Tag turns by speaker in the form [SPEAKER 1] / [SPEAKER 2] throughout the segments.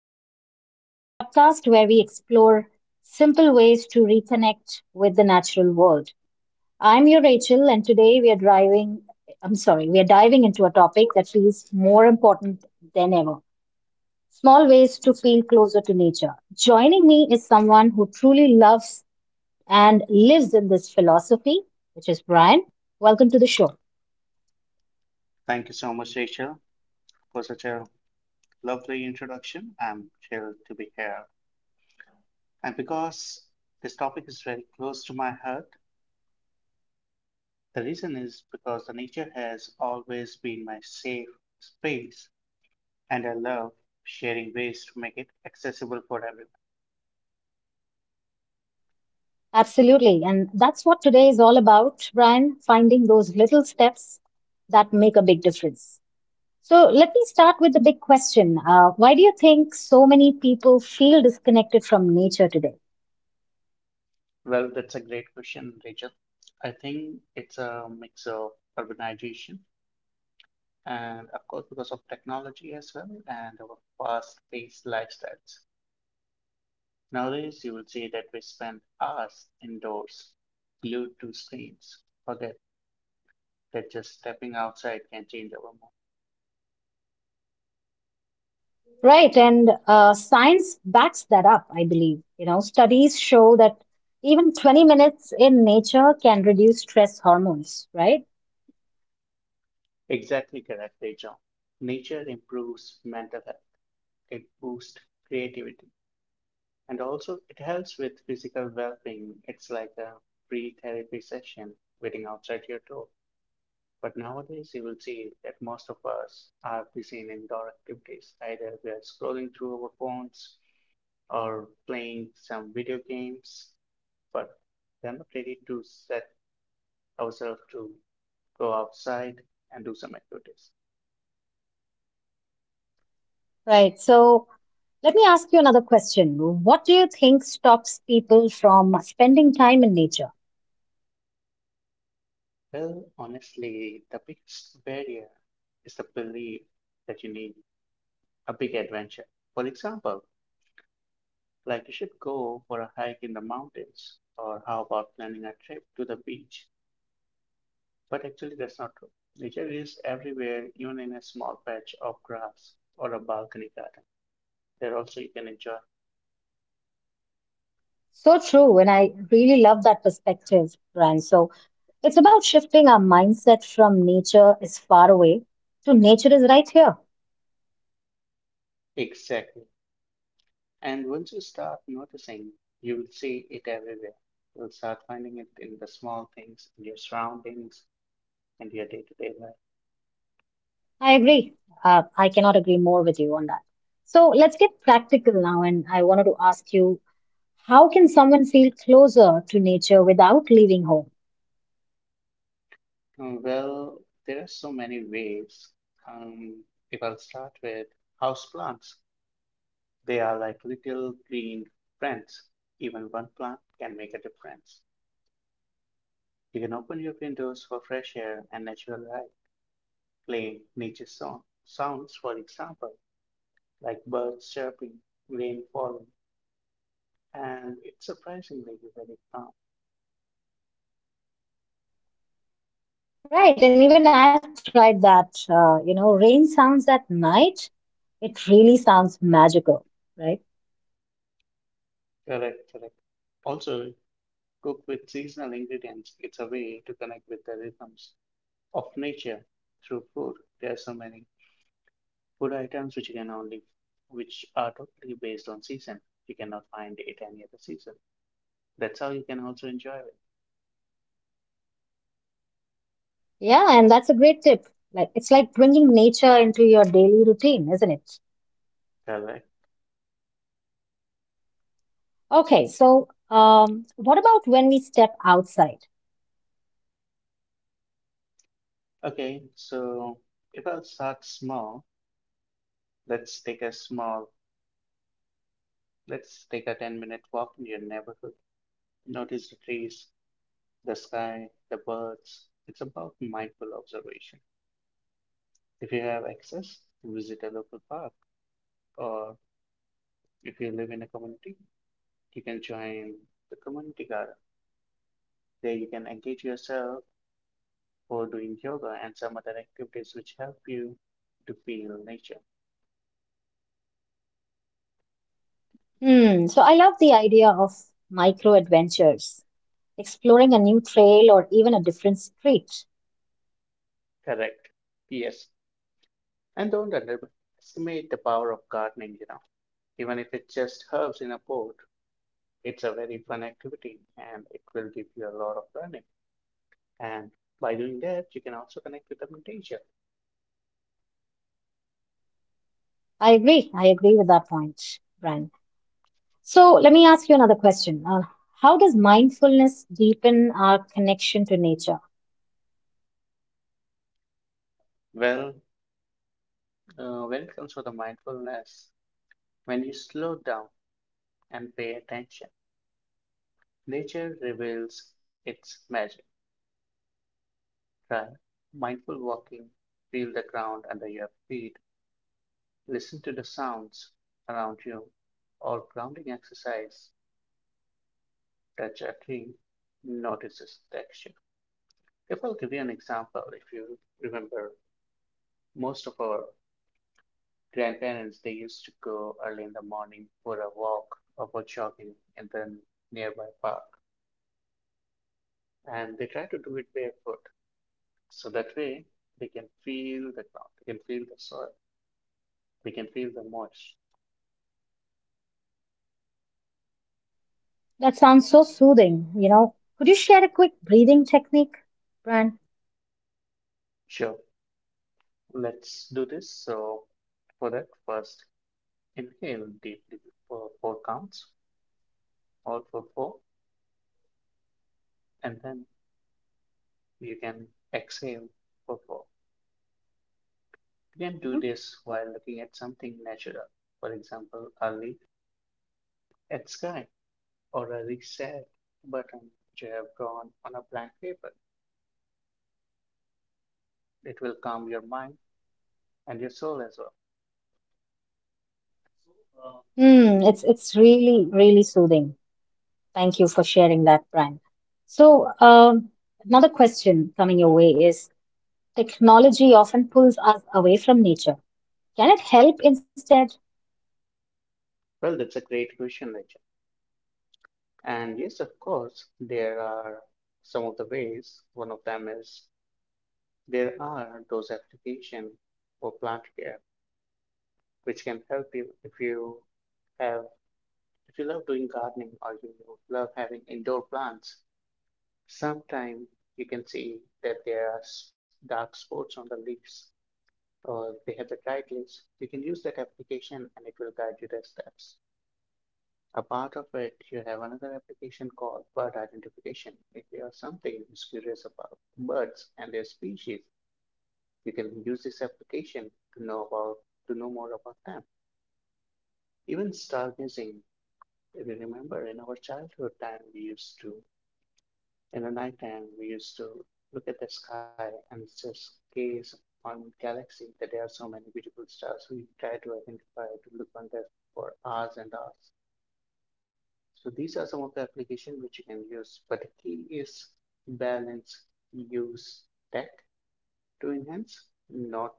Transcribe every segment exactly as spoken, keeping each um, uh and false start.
[SPEAKER 1] Within, the podcast where we explore simple ways to reconnect with the natural world. I'm your Rachel, and today we are driving, I'm sorry, we are diving into a topic that feels more important than ever, small ways to feel closer to nature. Joining me is someone who truly loves and lives in this philosophy, which is Brian. Welcome to the show.
[SPEAKER 2] Thank you so much, Rachel, for such a lovely introduction. I'm thrilled to be here. And because this topic is very close to my heart, the reason is because the nature has always been my safe space, and I love sharing ways to make it accessible for everyone.
[SPEAKER 1] Absolutely. And that's what today is all about, Brian, finding those little steps that make a big difference. So let me start with the big question. Uh, why do you think so many people feel disconnected from nature today?
[SPEAKER 2] Well, that's a great question, Rachel. I think it's a mix of urbanization and, of course, because of technology as well and our fast-paced lifestyles. Nowadays you will see that we spend hours indoors, glued to screens. Forget that just stepping outside can change our mood.
[SPEAKER 1] Right. And uh, science backs that up, I believe. You know, studies show that even twenty minutes in nature can reduce stress hormones, right?
[SPEAKER 2] Exactly correctly, John. Nature improves mental health. It boosts creativity. And also it helps with physical well-being. It's like a free therapy session waiting outside your door. But nowadays you will see that most of us are busy in indoor activities. Either we are scrolling through our phones or playing some video games but we're not ready to set ourselves to go outside and do some activities?
[SPEAKER 1] Right. So let me ask you another question. What do you think stops people from spending time in nature?
[SPEAKER 2] Well, honestly, the biggest barrier is the belief that you need a big adventure. For example, like you should go for a hike in the mountains, or how about planning a trip to the beach? But actually, that's not true. Nature is everywhere, even in a small patch of grass or a balcony garden. There also you can enjoy.
[SPEAKER 1] So true, and I really love that perspective, Brian. So it's about shifting our mindset from nature is far away to nature is right here.
[SPEAKER 2] Exactly. And once you start noticing, you will see it everywhere. You'll start finding it in the small things, in your surroundings, in your day-to-day life.
[SPEAKER 1] I agree. Uh, I cannot agree more with you on that. So let's get practical now, and I wanted to ask you, how can someone feel closer to nature without leaving home?
[SPEAKER 2] Um, well, there are so many ways. Um, if I'll start with houseplants, they are like little green friends. Even one plant can make a difference. You can open your windows for fresh air and natural light. Play nature song, sounds, for example, like birds chirping, rain falling, and it's surprisingly very calm.
[SPEAKER 1] Right, and even I've tried that. Uh, you know, rain sounds at night, it really sounds magical, right?
[SPEAKER 2] Correct, correct. Also, cook with seasonal ingredients. It's a way to connect with the rhythms of nature through food. There are so many food items which you can only, which are totally based on season. You cannot find it any other season. That's how you can also enjoy it.
[SPEAKER 1] Yeah, and that's a great tip. Like it's like bringing nature into your daily routine, isn't it?
[SPEAKER 2] Correct.
[SPEAKER 1] Okay, so um, what about when we step outside?
[SPEAKER 2] Okay, so if I'll start small, let's take a small, let's take a 10 minute walk in your neighborhood. Notice the trees, the sky, the birds. It's about mindful observation. If you have access, visit a local park, or if you live in a community, you can join the community garden. There you can engage yourself for doing yoga and some other activities which help you to feel nature.
[SPEAKER 1] Hmm. So I love the idea of micro adventures, exploring a new trail or even a different street.
[SPEAKER 2] Correct. Yes. And don't underestimate the power of gardening, you know. Even if it's just herbs in a pot, it's a very fun activity and it will give you a lot of learning. And by doing that, you can also connect with the meditation.
[SPEAKER 1] I agree. I agree with that point, Brian. So let me ask you another question. Uh, how does mindfulness deepen our connection to nature?
[SPEAKER 2] Well, uh, when it comes to the mindfulness, when you slow down and pay attention, nature reveals its magic. Try mindful walking, feel the ground under your feet, listen to the sounds around you, or grounding exercise, touch a tree, notice its texture. If I'll give you an example, if you remember, most of our grandparents, they used to go early in the morning for a walk or for jogging in the nearby park, and they try to do it barefoot. So that way they can feel the ground, they can feel the soil, they can feel the moisture.
[SPEAKER 1] That sounds so soothing. You know, could you share a quick breathing technique, Brian?
[SPEAKER 2] Sure, let's do this. So for that, first inhale deeply for four counts, all for four, and then you can exhale for four. You can do
[SPEAKER 1] Mm-hmm.
[SPEAKER 2] this while looking at something natural, for example, a leaf at sky or a reset button which you have drawn on a blank paper. It will calm your mind and your soul as well.
[SPEAKER 1] Hmm, it's it's really really soothing. Thank you for sharing that, Brian. So, um, another question coming your way is, technology often pulls us away from nature. Can it help instead?
[SPEAKER 2] Well, that's a great question, Rachel. And yes, of course, there are some of the ways. One of them is there are those applications for plant care which can help you if you have if you love doing gardening or you love having indoor plants. Sometimes you can see that there are dark spots on the leaves or they have the guide links, you can use that application and it will guide you the steps. A part of it, you have another application called bird identification. If you have something who's curious about birds and their species, you can use this application to know about to know more about them. Even stargazing, if you remember in our childhood time, we used to In the nighttime, we used to look at the sky and just gaze on galaxy that there are so many beautiful stars. We try to identify to look on that for hours and hours. So these are some of the applications which you can use. But the key is balance, use tech to enhance, not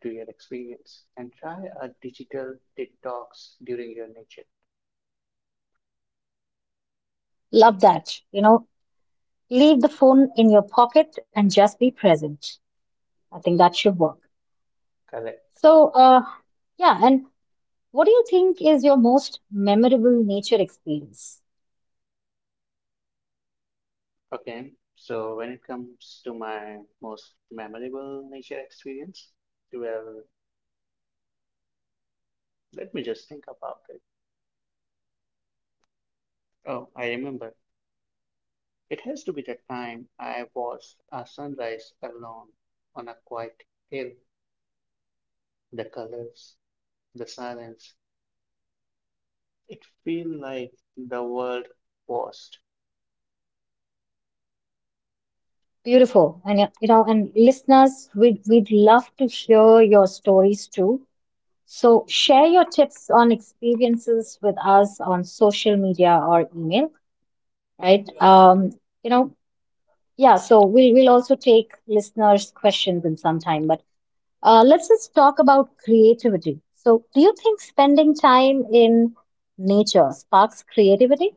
[SPEAKER 2] to your experience, and try a digital detox during your nature.
[SPEAKER 1] Love that. You know, leave the phone in your pocket and just be present. I think that should work.
[SPEAKER 2] Correct.
[SPEAKER 1] So, uh, yeah, and what do you think is your most memorable nature experience?
[SPEAKER 2] Okay, so when it comes to my most memorable nature experience, well, let me just think about it. Oh, I remember. It has to be the time I watched a sunrise alone on a quiet hill. The colors, the silence, it feel like the world paused.
[SPEAKER 1] Beautiful. And, uh, you know, and listeners, we'd, we'd love to hear your stories too. So, share your tips on experiences with us on social media or email, right? Um, you know, yeah, so we'll, we'll also take listeners' questions in some time, but uh, let's just talk about creativity. So, do you think spending time in nature sparks creativity?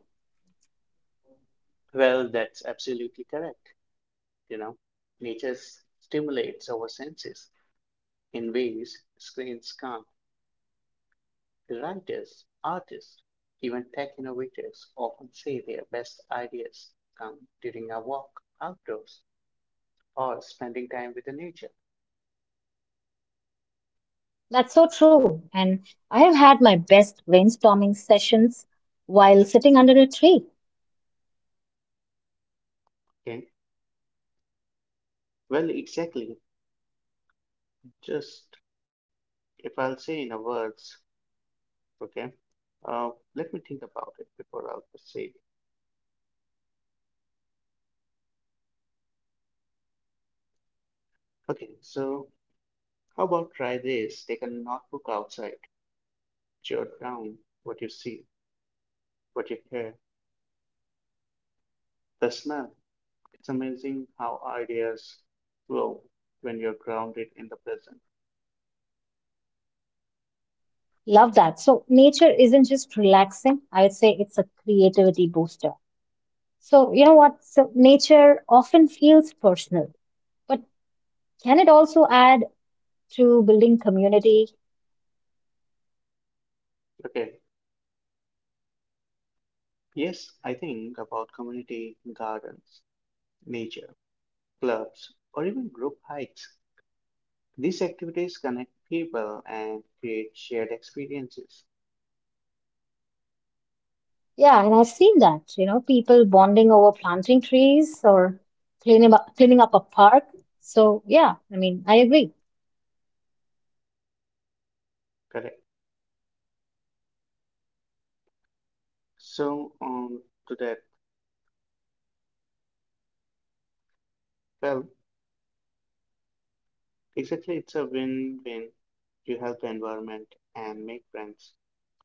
[SPEAKER 2] Well, that's absolutely correct. You know, nature stimulates our senses in ways screens can't. Writers, artists, even tech innovators often say their best ideas come during a walk outdoors or spending time with the nature.
[SPEAKER 1] That's so true. And I have had my best brainstorming sessions while sitting under a tree.
[SPEAKER 2] Okay. Well, exactly. Just if I'll say in a words, okay. Uh, Let me think about it before I'll proceed. Okay. So how about try this? Take a notebook outside, jot down what you see, what you hear, the smell. It's amazing how ideas flow when you're grounded in the present.
[SPEAKER 1] Love that. So, nature isn't just relaxing, I would say it's a creativity booster. So, you know what? So, nature often feels personal, but can it also add to building community?
[SPEAKER 2] Okay. Yes, I think about community gardens, nature, clubs, or even group hikes. These activities connect people and create shared experiences.
[SPEAKER 1] Yeah, and I've seen that, you know, people bonding over planting trees or cleaning up, cleaning up a park. So, yeah, I mean, I agree.
[SPEAKER 2] Correct. So, on to that, well, exactly, it's a win-win. You help the environment and make friends.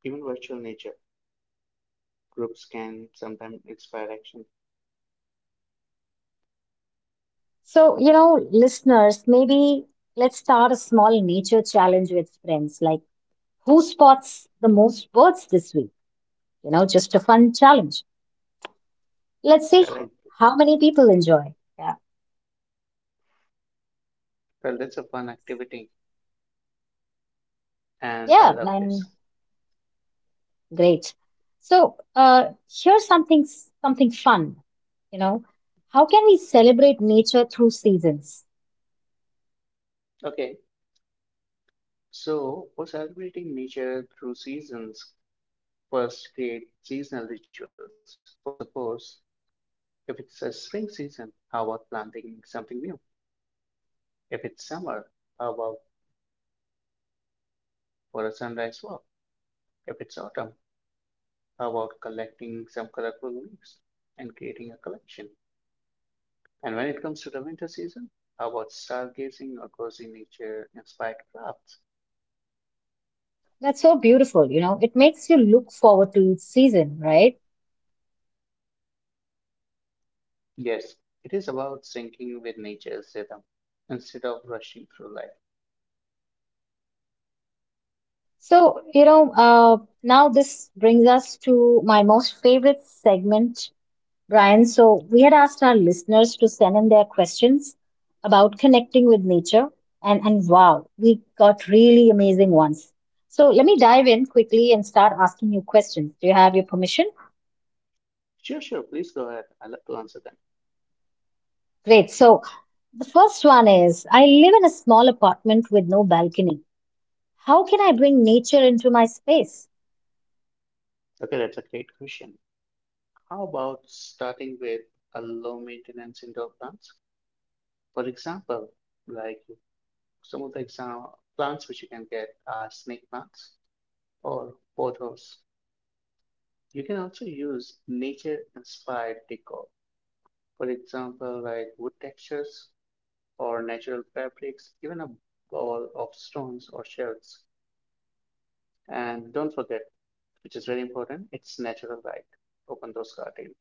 [SPEAKER 2] Even virtual nature groups can sometimes inspire action.
[SPEAKER 1] So, you know, listeners, maybe let's start a small nature challenge with friends, like who spots the most birds this week? You know, just a fun challenge. Let's see
[SPEAKER 2] Correct.
[SPEAKER 1] how many people enjoy. Yeah.
[SPEAKER 2] Well, that's a fun activity, and I
[SPEAKER 1] Yeah,
[SPEAKER 2] love
[SPEAKER 1] and
[SPEAKER 2] this.
[SPEAKER 1] great. So uh, here's something something fun, you know. How can we celebrate nature through seasons?
[SPEAKER 2] Okay. So, for celebrating nature through seasons, first, create seasonal rituals. For suppose, if it's a spring season, how about planting something new? If it's summer, how about for a sunrise walk? If it's autumn, how about collecting some colorful leaves and creating a collection? And when it comes to the winter season, how about stargazing or cozy nature inspired crafts?
[SPEAKER 1] That's so beautiful, you know. It makes you look forward to each season, right?
[SPEAKER 2] Yes, it is about syncing with nature's rhythm instead of rushing through life.
[SPEAKER 1] So you know, uh, now this brings us to my most favorite segment, Brian. So we had asked our listeners to send in their questions about connecting with nature, and and wow, we got really amazing ones. So let me dive in quickly and start asking you questions. Do you have your permission?
[SPEAKER 2] Sure, sure, please go ahead. I love to answer them.
[SPEAKER 1] Great. So the first one is, I live in a small apartment with no balcony. How can I bring nature into my space?
[SPEAKER 2] Okay, that's a great question. How about starting with a low maintenance indoor plants? For example, like some of the exam plants which you can get are snake plants or pothos. You can also use nature inspired decor. For example, like wood textures or natural fabrics, even a ball of stones or shells. And don't forget, which is very important, it's natural light. Open those curtains.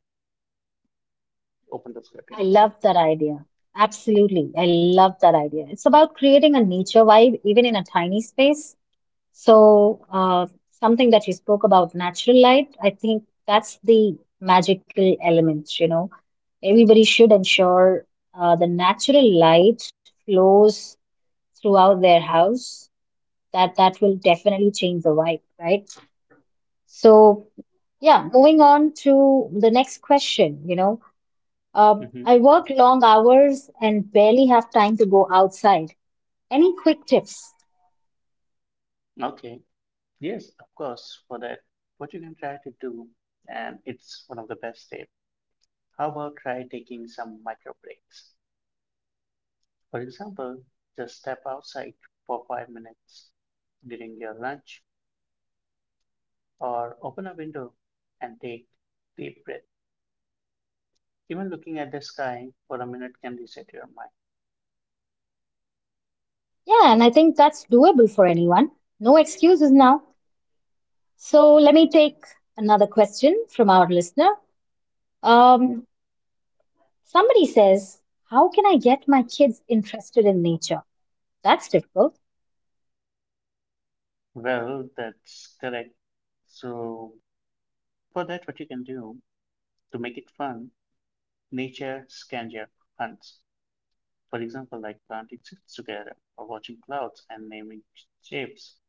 [SPEAKER 2] Open those
[SPEAKER 1] I
[SPEAKER 2] curtains,
[SPEAKER 1] love that idea. Absolutely. I love that idea. It's about creating a nature vibe even in a tiny space. So, uh, something that you spoke about, natural light, I think that's the magical element, you know. Everybody should ensure uh, the natural light flows throughout their house. That that will definitely change the vibe, right? So, yeah, moving on to the next question, you know,
[SPEAKER 2] okay?
[SPEAKER 1] um,
[SPEAKER 2] Hmm.
[SPEAKER 1] I work long hours and barely have time to go outside. Any quick tips?
[SPEAKER 2] Okay. Yes, of course, for that. What you can try to do, and it's one of the best tips. How about try taking some micro breaks? For example, just step outside for five minutes during your lunch or open a window and take deep breath. Even looking at the sky for a minute can reset your mind.
[SPEAKER 1] Yeah, and I think that's doable for anyone. No excuses now. So, let me take another question from our listener. Um, somebody says, how can I get my kids interested in nature? That's difficult.
[SPEAKER 2] Well, that's correct. So for that, what you can do to make it fun, nature scavenger hunts. For example, like planting seeds together or watching clouds and naming shapes.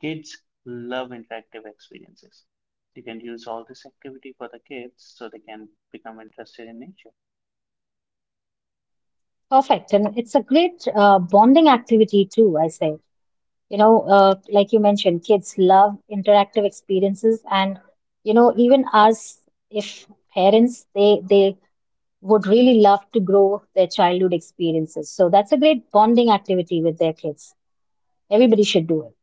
[SPEAKER 2] Kids love interactive experiences. You can use all this activity for the kids so they can become interested in nature.
[SPEAKER 1] Perfect. And it's a great uh, bonding activity, too, I say. You know, uh, like you mentioned, kids love interactive experiences, and you know, even us, if parents, they they would really love to grow their childhood experiences. So that's a great bonding activity with their kids. Everybody should do it.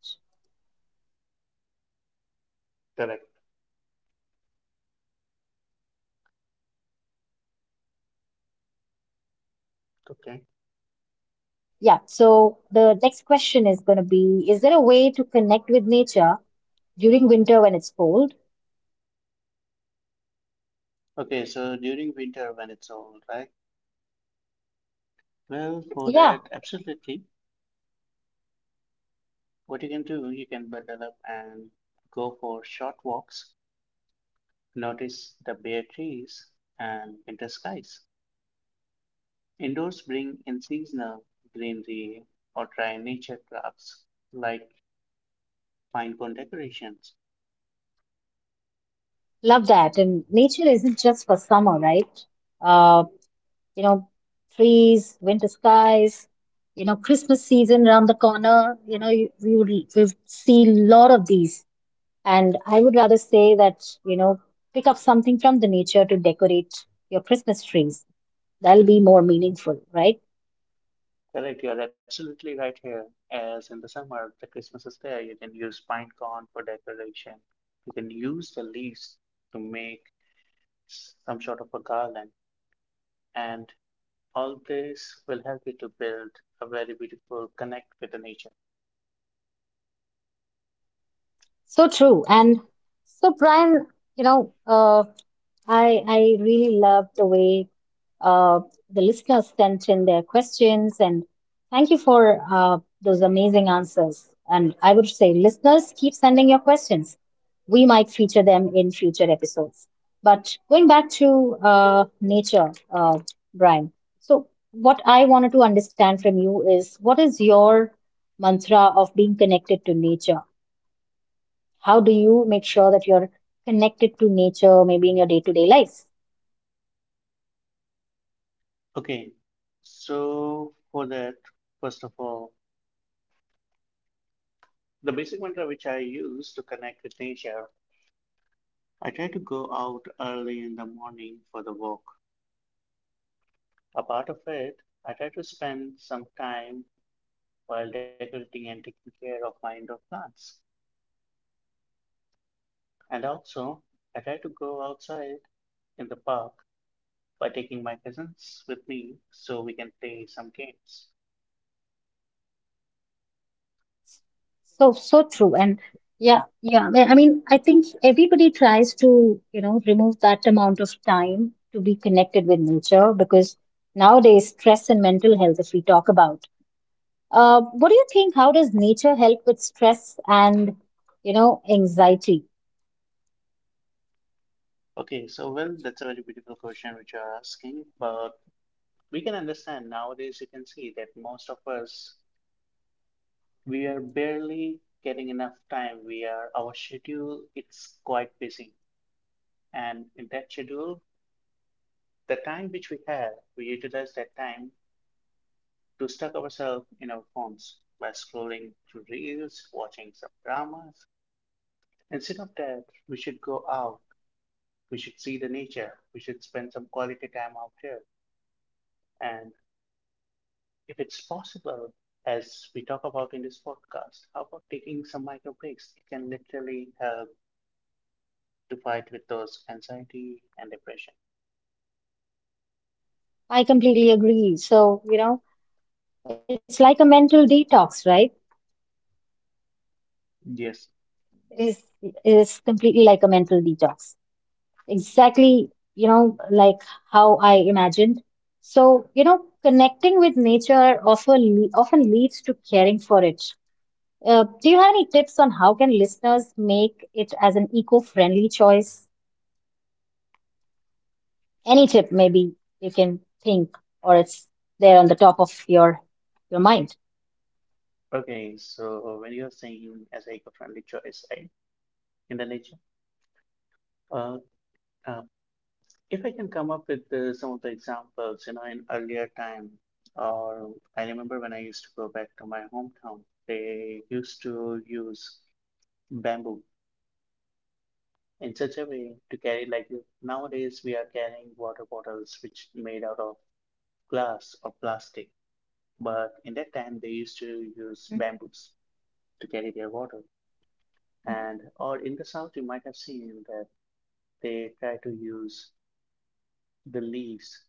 [SPEAKER 2] Correct. Okay.
[SPEAKER 1] Yeah. So the next question is going to be: is there a way to connect with nature during winter when it's cold?
[SPEAKER 2] Okay, so during winter when it's old, right? Well,
[SPEAKER 1] hmm
[SPEAKER 2] for
[SPEAKER 1] Yeah,
[SPEAKER 2] that, absolutely. What you can do, you can bundle up and go for short walks, notice the bare trees and winter skies. Indoors bring in seasonal greenery or try nature crafts like pine cone decorations.
[SPEAKER 1] love that. And nature isn't just for summer, right? Uh, you know, trees, winter skies, you know, Christmas season around the corner, you know, you, we would we see a lot of these. And I would rather say that, you know, pick up something from the nature to decorate your Christmas trees. That'll be more meaningful, right?
[SPEAKER 2] Correct, you're absolutely right here. As in the summer, the Christmas is there, you can use pine cone for decoration. You can use the leaves to make some sort of a garland. And all this will help you to build a very beautiful connect with the nature.
[SPEAKER 1] So true. And so, Brian, you know, uh, I I really love the way uh, the listeners sent in their questions, and thank you for uh, those amazing answers. And I would say, listeners, keep sending your questions. We might feature them in future episodes. But going back to uh, nature, uh, Brian. So what I wanted to understand from you is, what is your mantra of being connected to nature? How do you make sure that you're connected to nature, maybe in your day-to-day lives?
[SPEAKER 2] Okay, so for that, first of all, the basic mantra which I use to connect with nature I try to go out early in the morning for the walk. A part of it, I try to spend some time while decorating and taking care of my indoor plants. And also, I try to go outside in the park by taking my cousins with me so we can play some games.
[SPEAKER 1] So, so true. And yeah, yeah. I mean, I mean, I think everybody tries to, you know, remove that amount of time to be connected with nature because nowadays stress and mental health, if we talk about, uh, what do you think? How does nature help with stress and, you know, anxiety?
[SPEAKER 2] Okay, so well, that's a very beautiful question which you're asking, but we can understand nowadays you can see that most of us we are barely getting enough time. We are our schedule it's quite busy. And in that schedule, the time which we have, we utilize that time to stuck ourselves in our phones by scrolling through reels, watching some dramas. Instead of that, we should go out, we should see the nature, we should spend some quality time out here. And if it's possible, as we talk about in this podcast, how about taking some micro breaks? It can literally help to fight with those anxiety and depression.
[SPEAKER 1] I completely agree. So, you know, it's like a mental detox, right?
[SPEAKER 2] Yes.
[SPEAKER 1] It is it is completely like a mental detox. Exactly, you know, like how I imagined. So, you know, connecting with nature often often leads to caring for it. Uh, do you have any tips on how can listeners make it as an eco-friendly choice? Any tip maybe you can think or it's there on the top of your your mind.
[SPEAKER 2] Okay, so when you're saying as an eco-friendly choice, I Indonesia. Uh, uh, if I can come up with uh, some of the examples, you know, in earlier time, or I remember when I used to go back to my hometown, they used to use bamboo in such a way to carry, like nowadays we are carrying water bottles which made out of glass or plastic, but in that time they used to use bamboos to carry their water. And or in the south, you might have seen that they try to use the leaves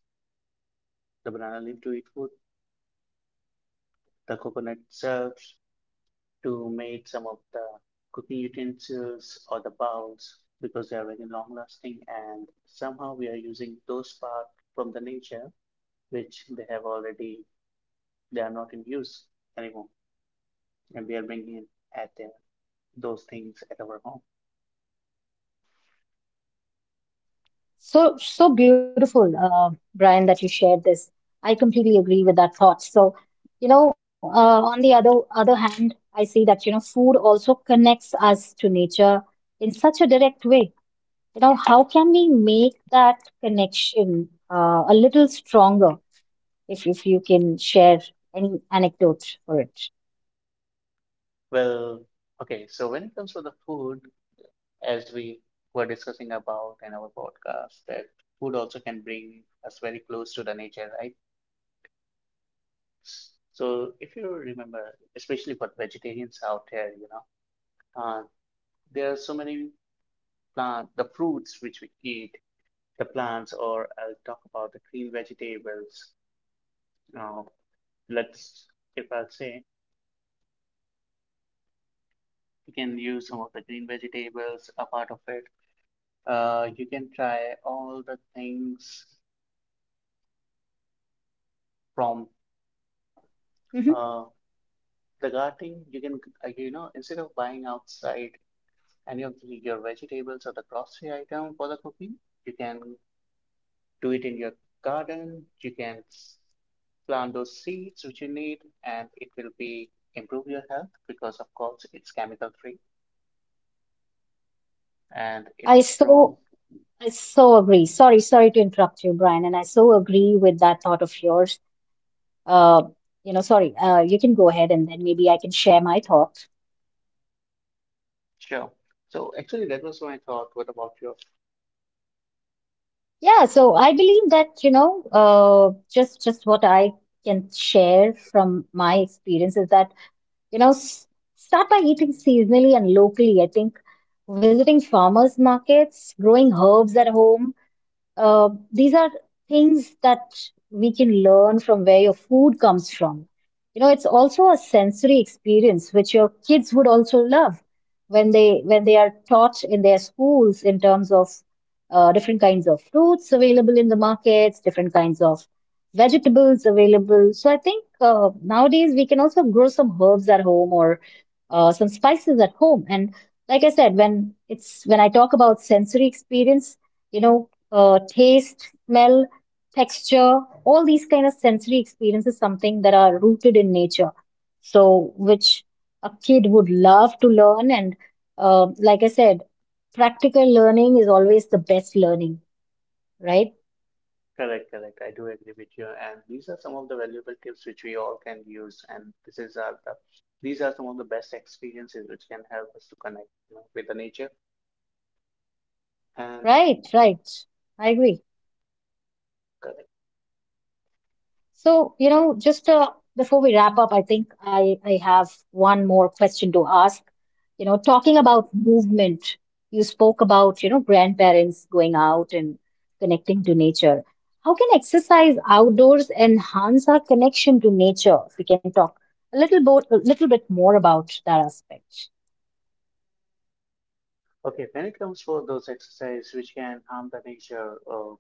[SPEAKER 2] the banana leaf to eat food the coconut serves to make some of the cooking utensils or the bowls because they are very long lasting and somehow we are using those parts from the nature which they have already they are not in use anymore and we are bringing in at their, those things at our home.
[SPEAKER 1] So, so beautiful, uh, Brian, that you shared this. I completely agree with that thought. So, you know, uh, on the other other hand, I see that, you know, food also connects us to nature in such a direct way. You know, how can we make that connection uh, a little stronger if if you can share any anecdote for it?
[SPEAKER 2] Well, okay, so when it comes to the food, as we were discussing about in our podcast, that food also can bring us very close to the nature, right? So if you remember, especially for vegetarians out there, you know, uh, there are so many plant, the fruits which we eat, the plants, or I'll talk about the green vegetables. Uh, let's, if I'll say, you can use some of the green vegetables, a part of it. Uh, you can try all the things from
[SPEAKER 1] Yeah, hmm.
[SPEAKER 2] uh, the gardening. You can, uh, you know, instead of buying outside any of the, your vegetables or the grocery item for the cooking, you can do it in your garden. You can plant those seeds which you need, and it will be improve your health because, of course, it's chemical free and
[SPEAKER 1] I
[SPEAKER 2] it's
[SPEAKER 1] so
[SPEAKER 2] grown.
[SPEAKER 1] I so agree. Sorry, sorry to interrupt you, Brian, and I so agree with that thought of yours. Uh, you know, sorry, uh, you can go ahead and then maybe I can share my thoughts.
[SPEAKER 2] Sure. So actually, that was my thought. What about your?
[SPEAKER 1] Yeah, so I believe that, you know, uh, just just what I can share from my experience is that, you know, s start by eating seasonally and locally. I think visiting farmers markets, growing herbs at home, Uh, these are things that we can learn from where your food comes from. You know, it's also a sensory experience which your kids would also love when they when they are taught in their schools in terms of uh, different kinds of fruits available in the markets, different kinds of vegetables available. So I think uh, nowadays we can also grow some herbs at home or uh, some spices at home. And like I said, when it's when I talk about sensory experience, you know, uh, taste, smell, texture, all these kind of sensory experiences, something that are rooted in nature. So, which a kid would love to learn. And uh, like I said, practical learning is always the best learning, right?
[SPEAKER 2] Correct, correct. I do agree with you. And these are some of the valuable tips which we all can use. And this is our, the, these are some of the best experiences which can help us to connect, you know, with the nature. And
[SPEAKER 1] Right, right. I agree.
[SPEAKER 2] correct.
[SPEAKER 1] So, you know, just uh, before we wrap up, I think I, I have one more question to ask. You know, talking about movement, you spoke about, you know, grandparents going out and connecting to nature. How can exercise outdoors enhance our connection to nature? If we can talk a little bit, a little bit more about that aspect.
[SPEAKER 2] Okay, when it comes for those exercises which can harm the nature, uh,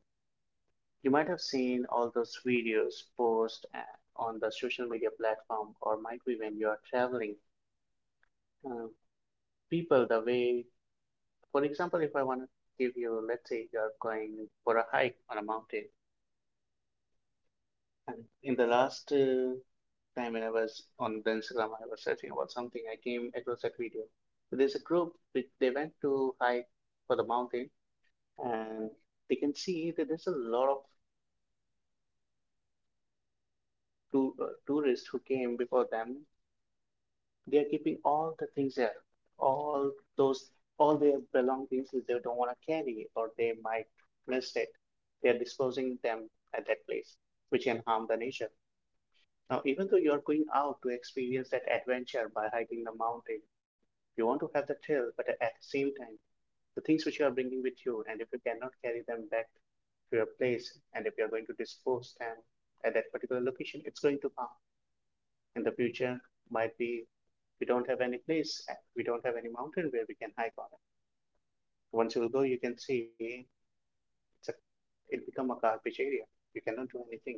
[SPEAKER 2] you might have seen all those videos post on the social media platform, or might be when you are traveling. Uh, people, the way, for example, if I want to give you, let's say you are going for a hike on a mountain, and in the last uh, time when I was on the Instagram, I was searching about something, I came across that video. So there's a group which they went to hike for the mountain, and they can see that there's a lot of tou- uh, tourists who came before them. They're keeping all the things there, all those, all their belongings that they don't want to carry or they might miss it. They're disposing them at that place, which can harm the nature. Now, even though you're going out to experience that adventure by hiking the mountain, you want to have the thrill, but at the same time, the things which you are bringing with you, and if you cannot carry them back to your place, and if you are going to dispose them at that particular location, it's going to harm in the future. Might be we don't have any place, uh, we don't have any mountain where we can hike on it. Once you go, you can see it's a, it become a garbage area. You cannot do anything.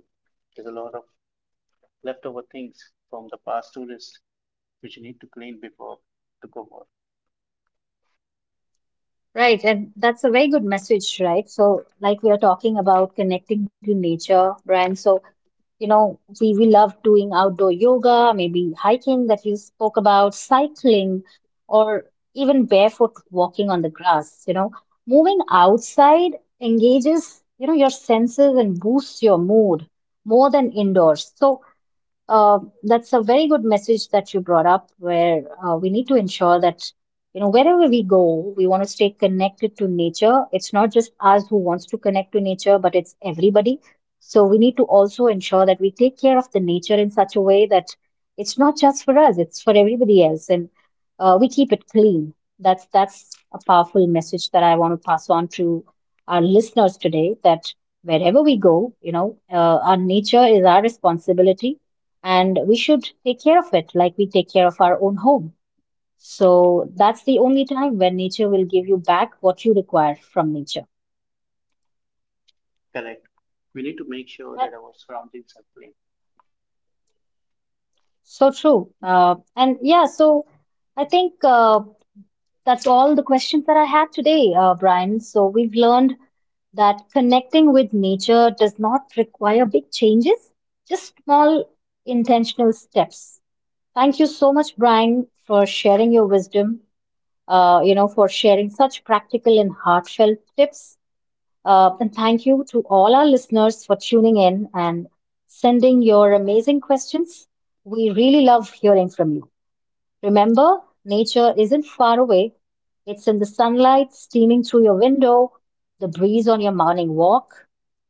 [SPEAKER 2] There's a lot of leftover things from the past tourists which you need to clean before to go for.
[SPEAKER 1] Right, and that's a very good message, right? So, like we are talking about connecting to nature, Brian. So, you know, we, we love doing outdoor yoga, maybe hiking that you spoke about, cycling, or even barefoot walking on the grass. You know, moving outside engages, you know, your senses and boosts your mood more than indoors. So, uh, that's a very good message that you brought up, where uh, we need to ensure that, you know, wherever we go, we want to stay connected to nature. It's not just us who wants to connect to nature, but it's everybody. So we need to also ensure that we take care of the nature in such a way that it's not just for us, it's for everybody else, and uh, we keep it clean. That's that's a powerful message that I want to pass on to our listeners today. That wherever we go, you know, uh, our nature is our responsibility and we should take care of it like we take care of our own home. So that's the only time when nature will give you back what you require from nature.
[SPEAKER 2] Correct. We need to make sure that
[SPEAKER 1] That's
[SPEAKER 2] our surroundings are clean.
[SPEAKER 1] so true. Uh, and yeah, so I think uh, that's all the questions that I had today, uh, Brian. So we've learned that connecting with nature does not require big changes, just small intentional steps. Thank you so much, Brian, for sharing your wisdom, uh, you know, for sharing such practical and heartfelt tips. Uh, and thank you to all our listeners for tuning in and sending your amazing questions. We really love hearing from you. Remember, nature isn't far away. It's in the sunlight steaming through your window, the breeze on your morning walk,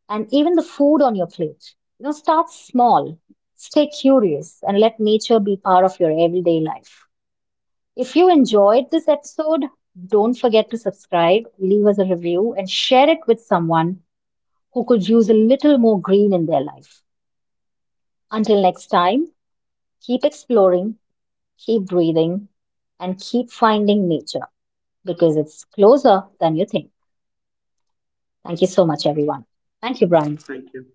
[SPEAKER 1] and even the food on your plate. You know, start small, stay curious, and let nature be part of your everyday life. If you enjoyed this episode, don't forget to subscribe, leave us a review, and share it with someone who could use a little more green in their life. Until next time, keep exploring, keep breathing, and keep finding nature because it's closer than you think. Thank you so much, everyone. Thank you, Brian.
[SPEAKER 2] Thank you.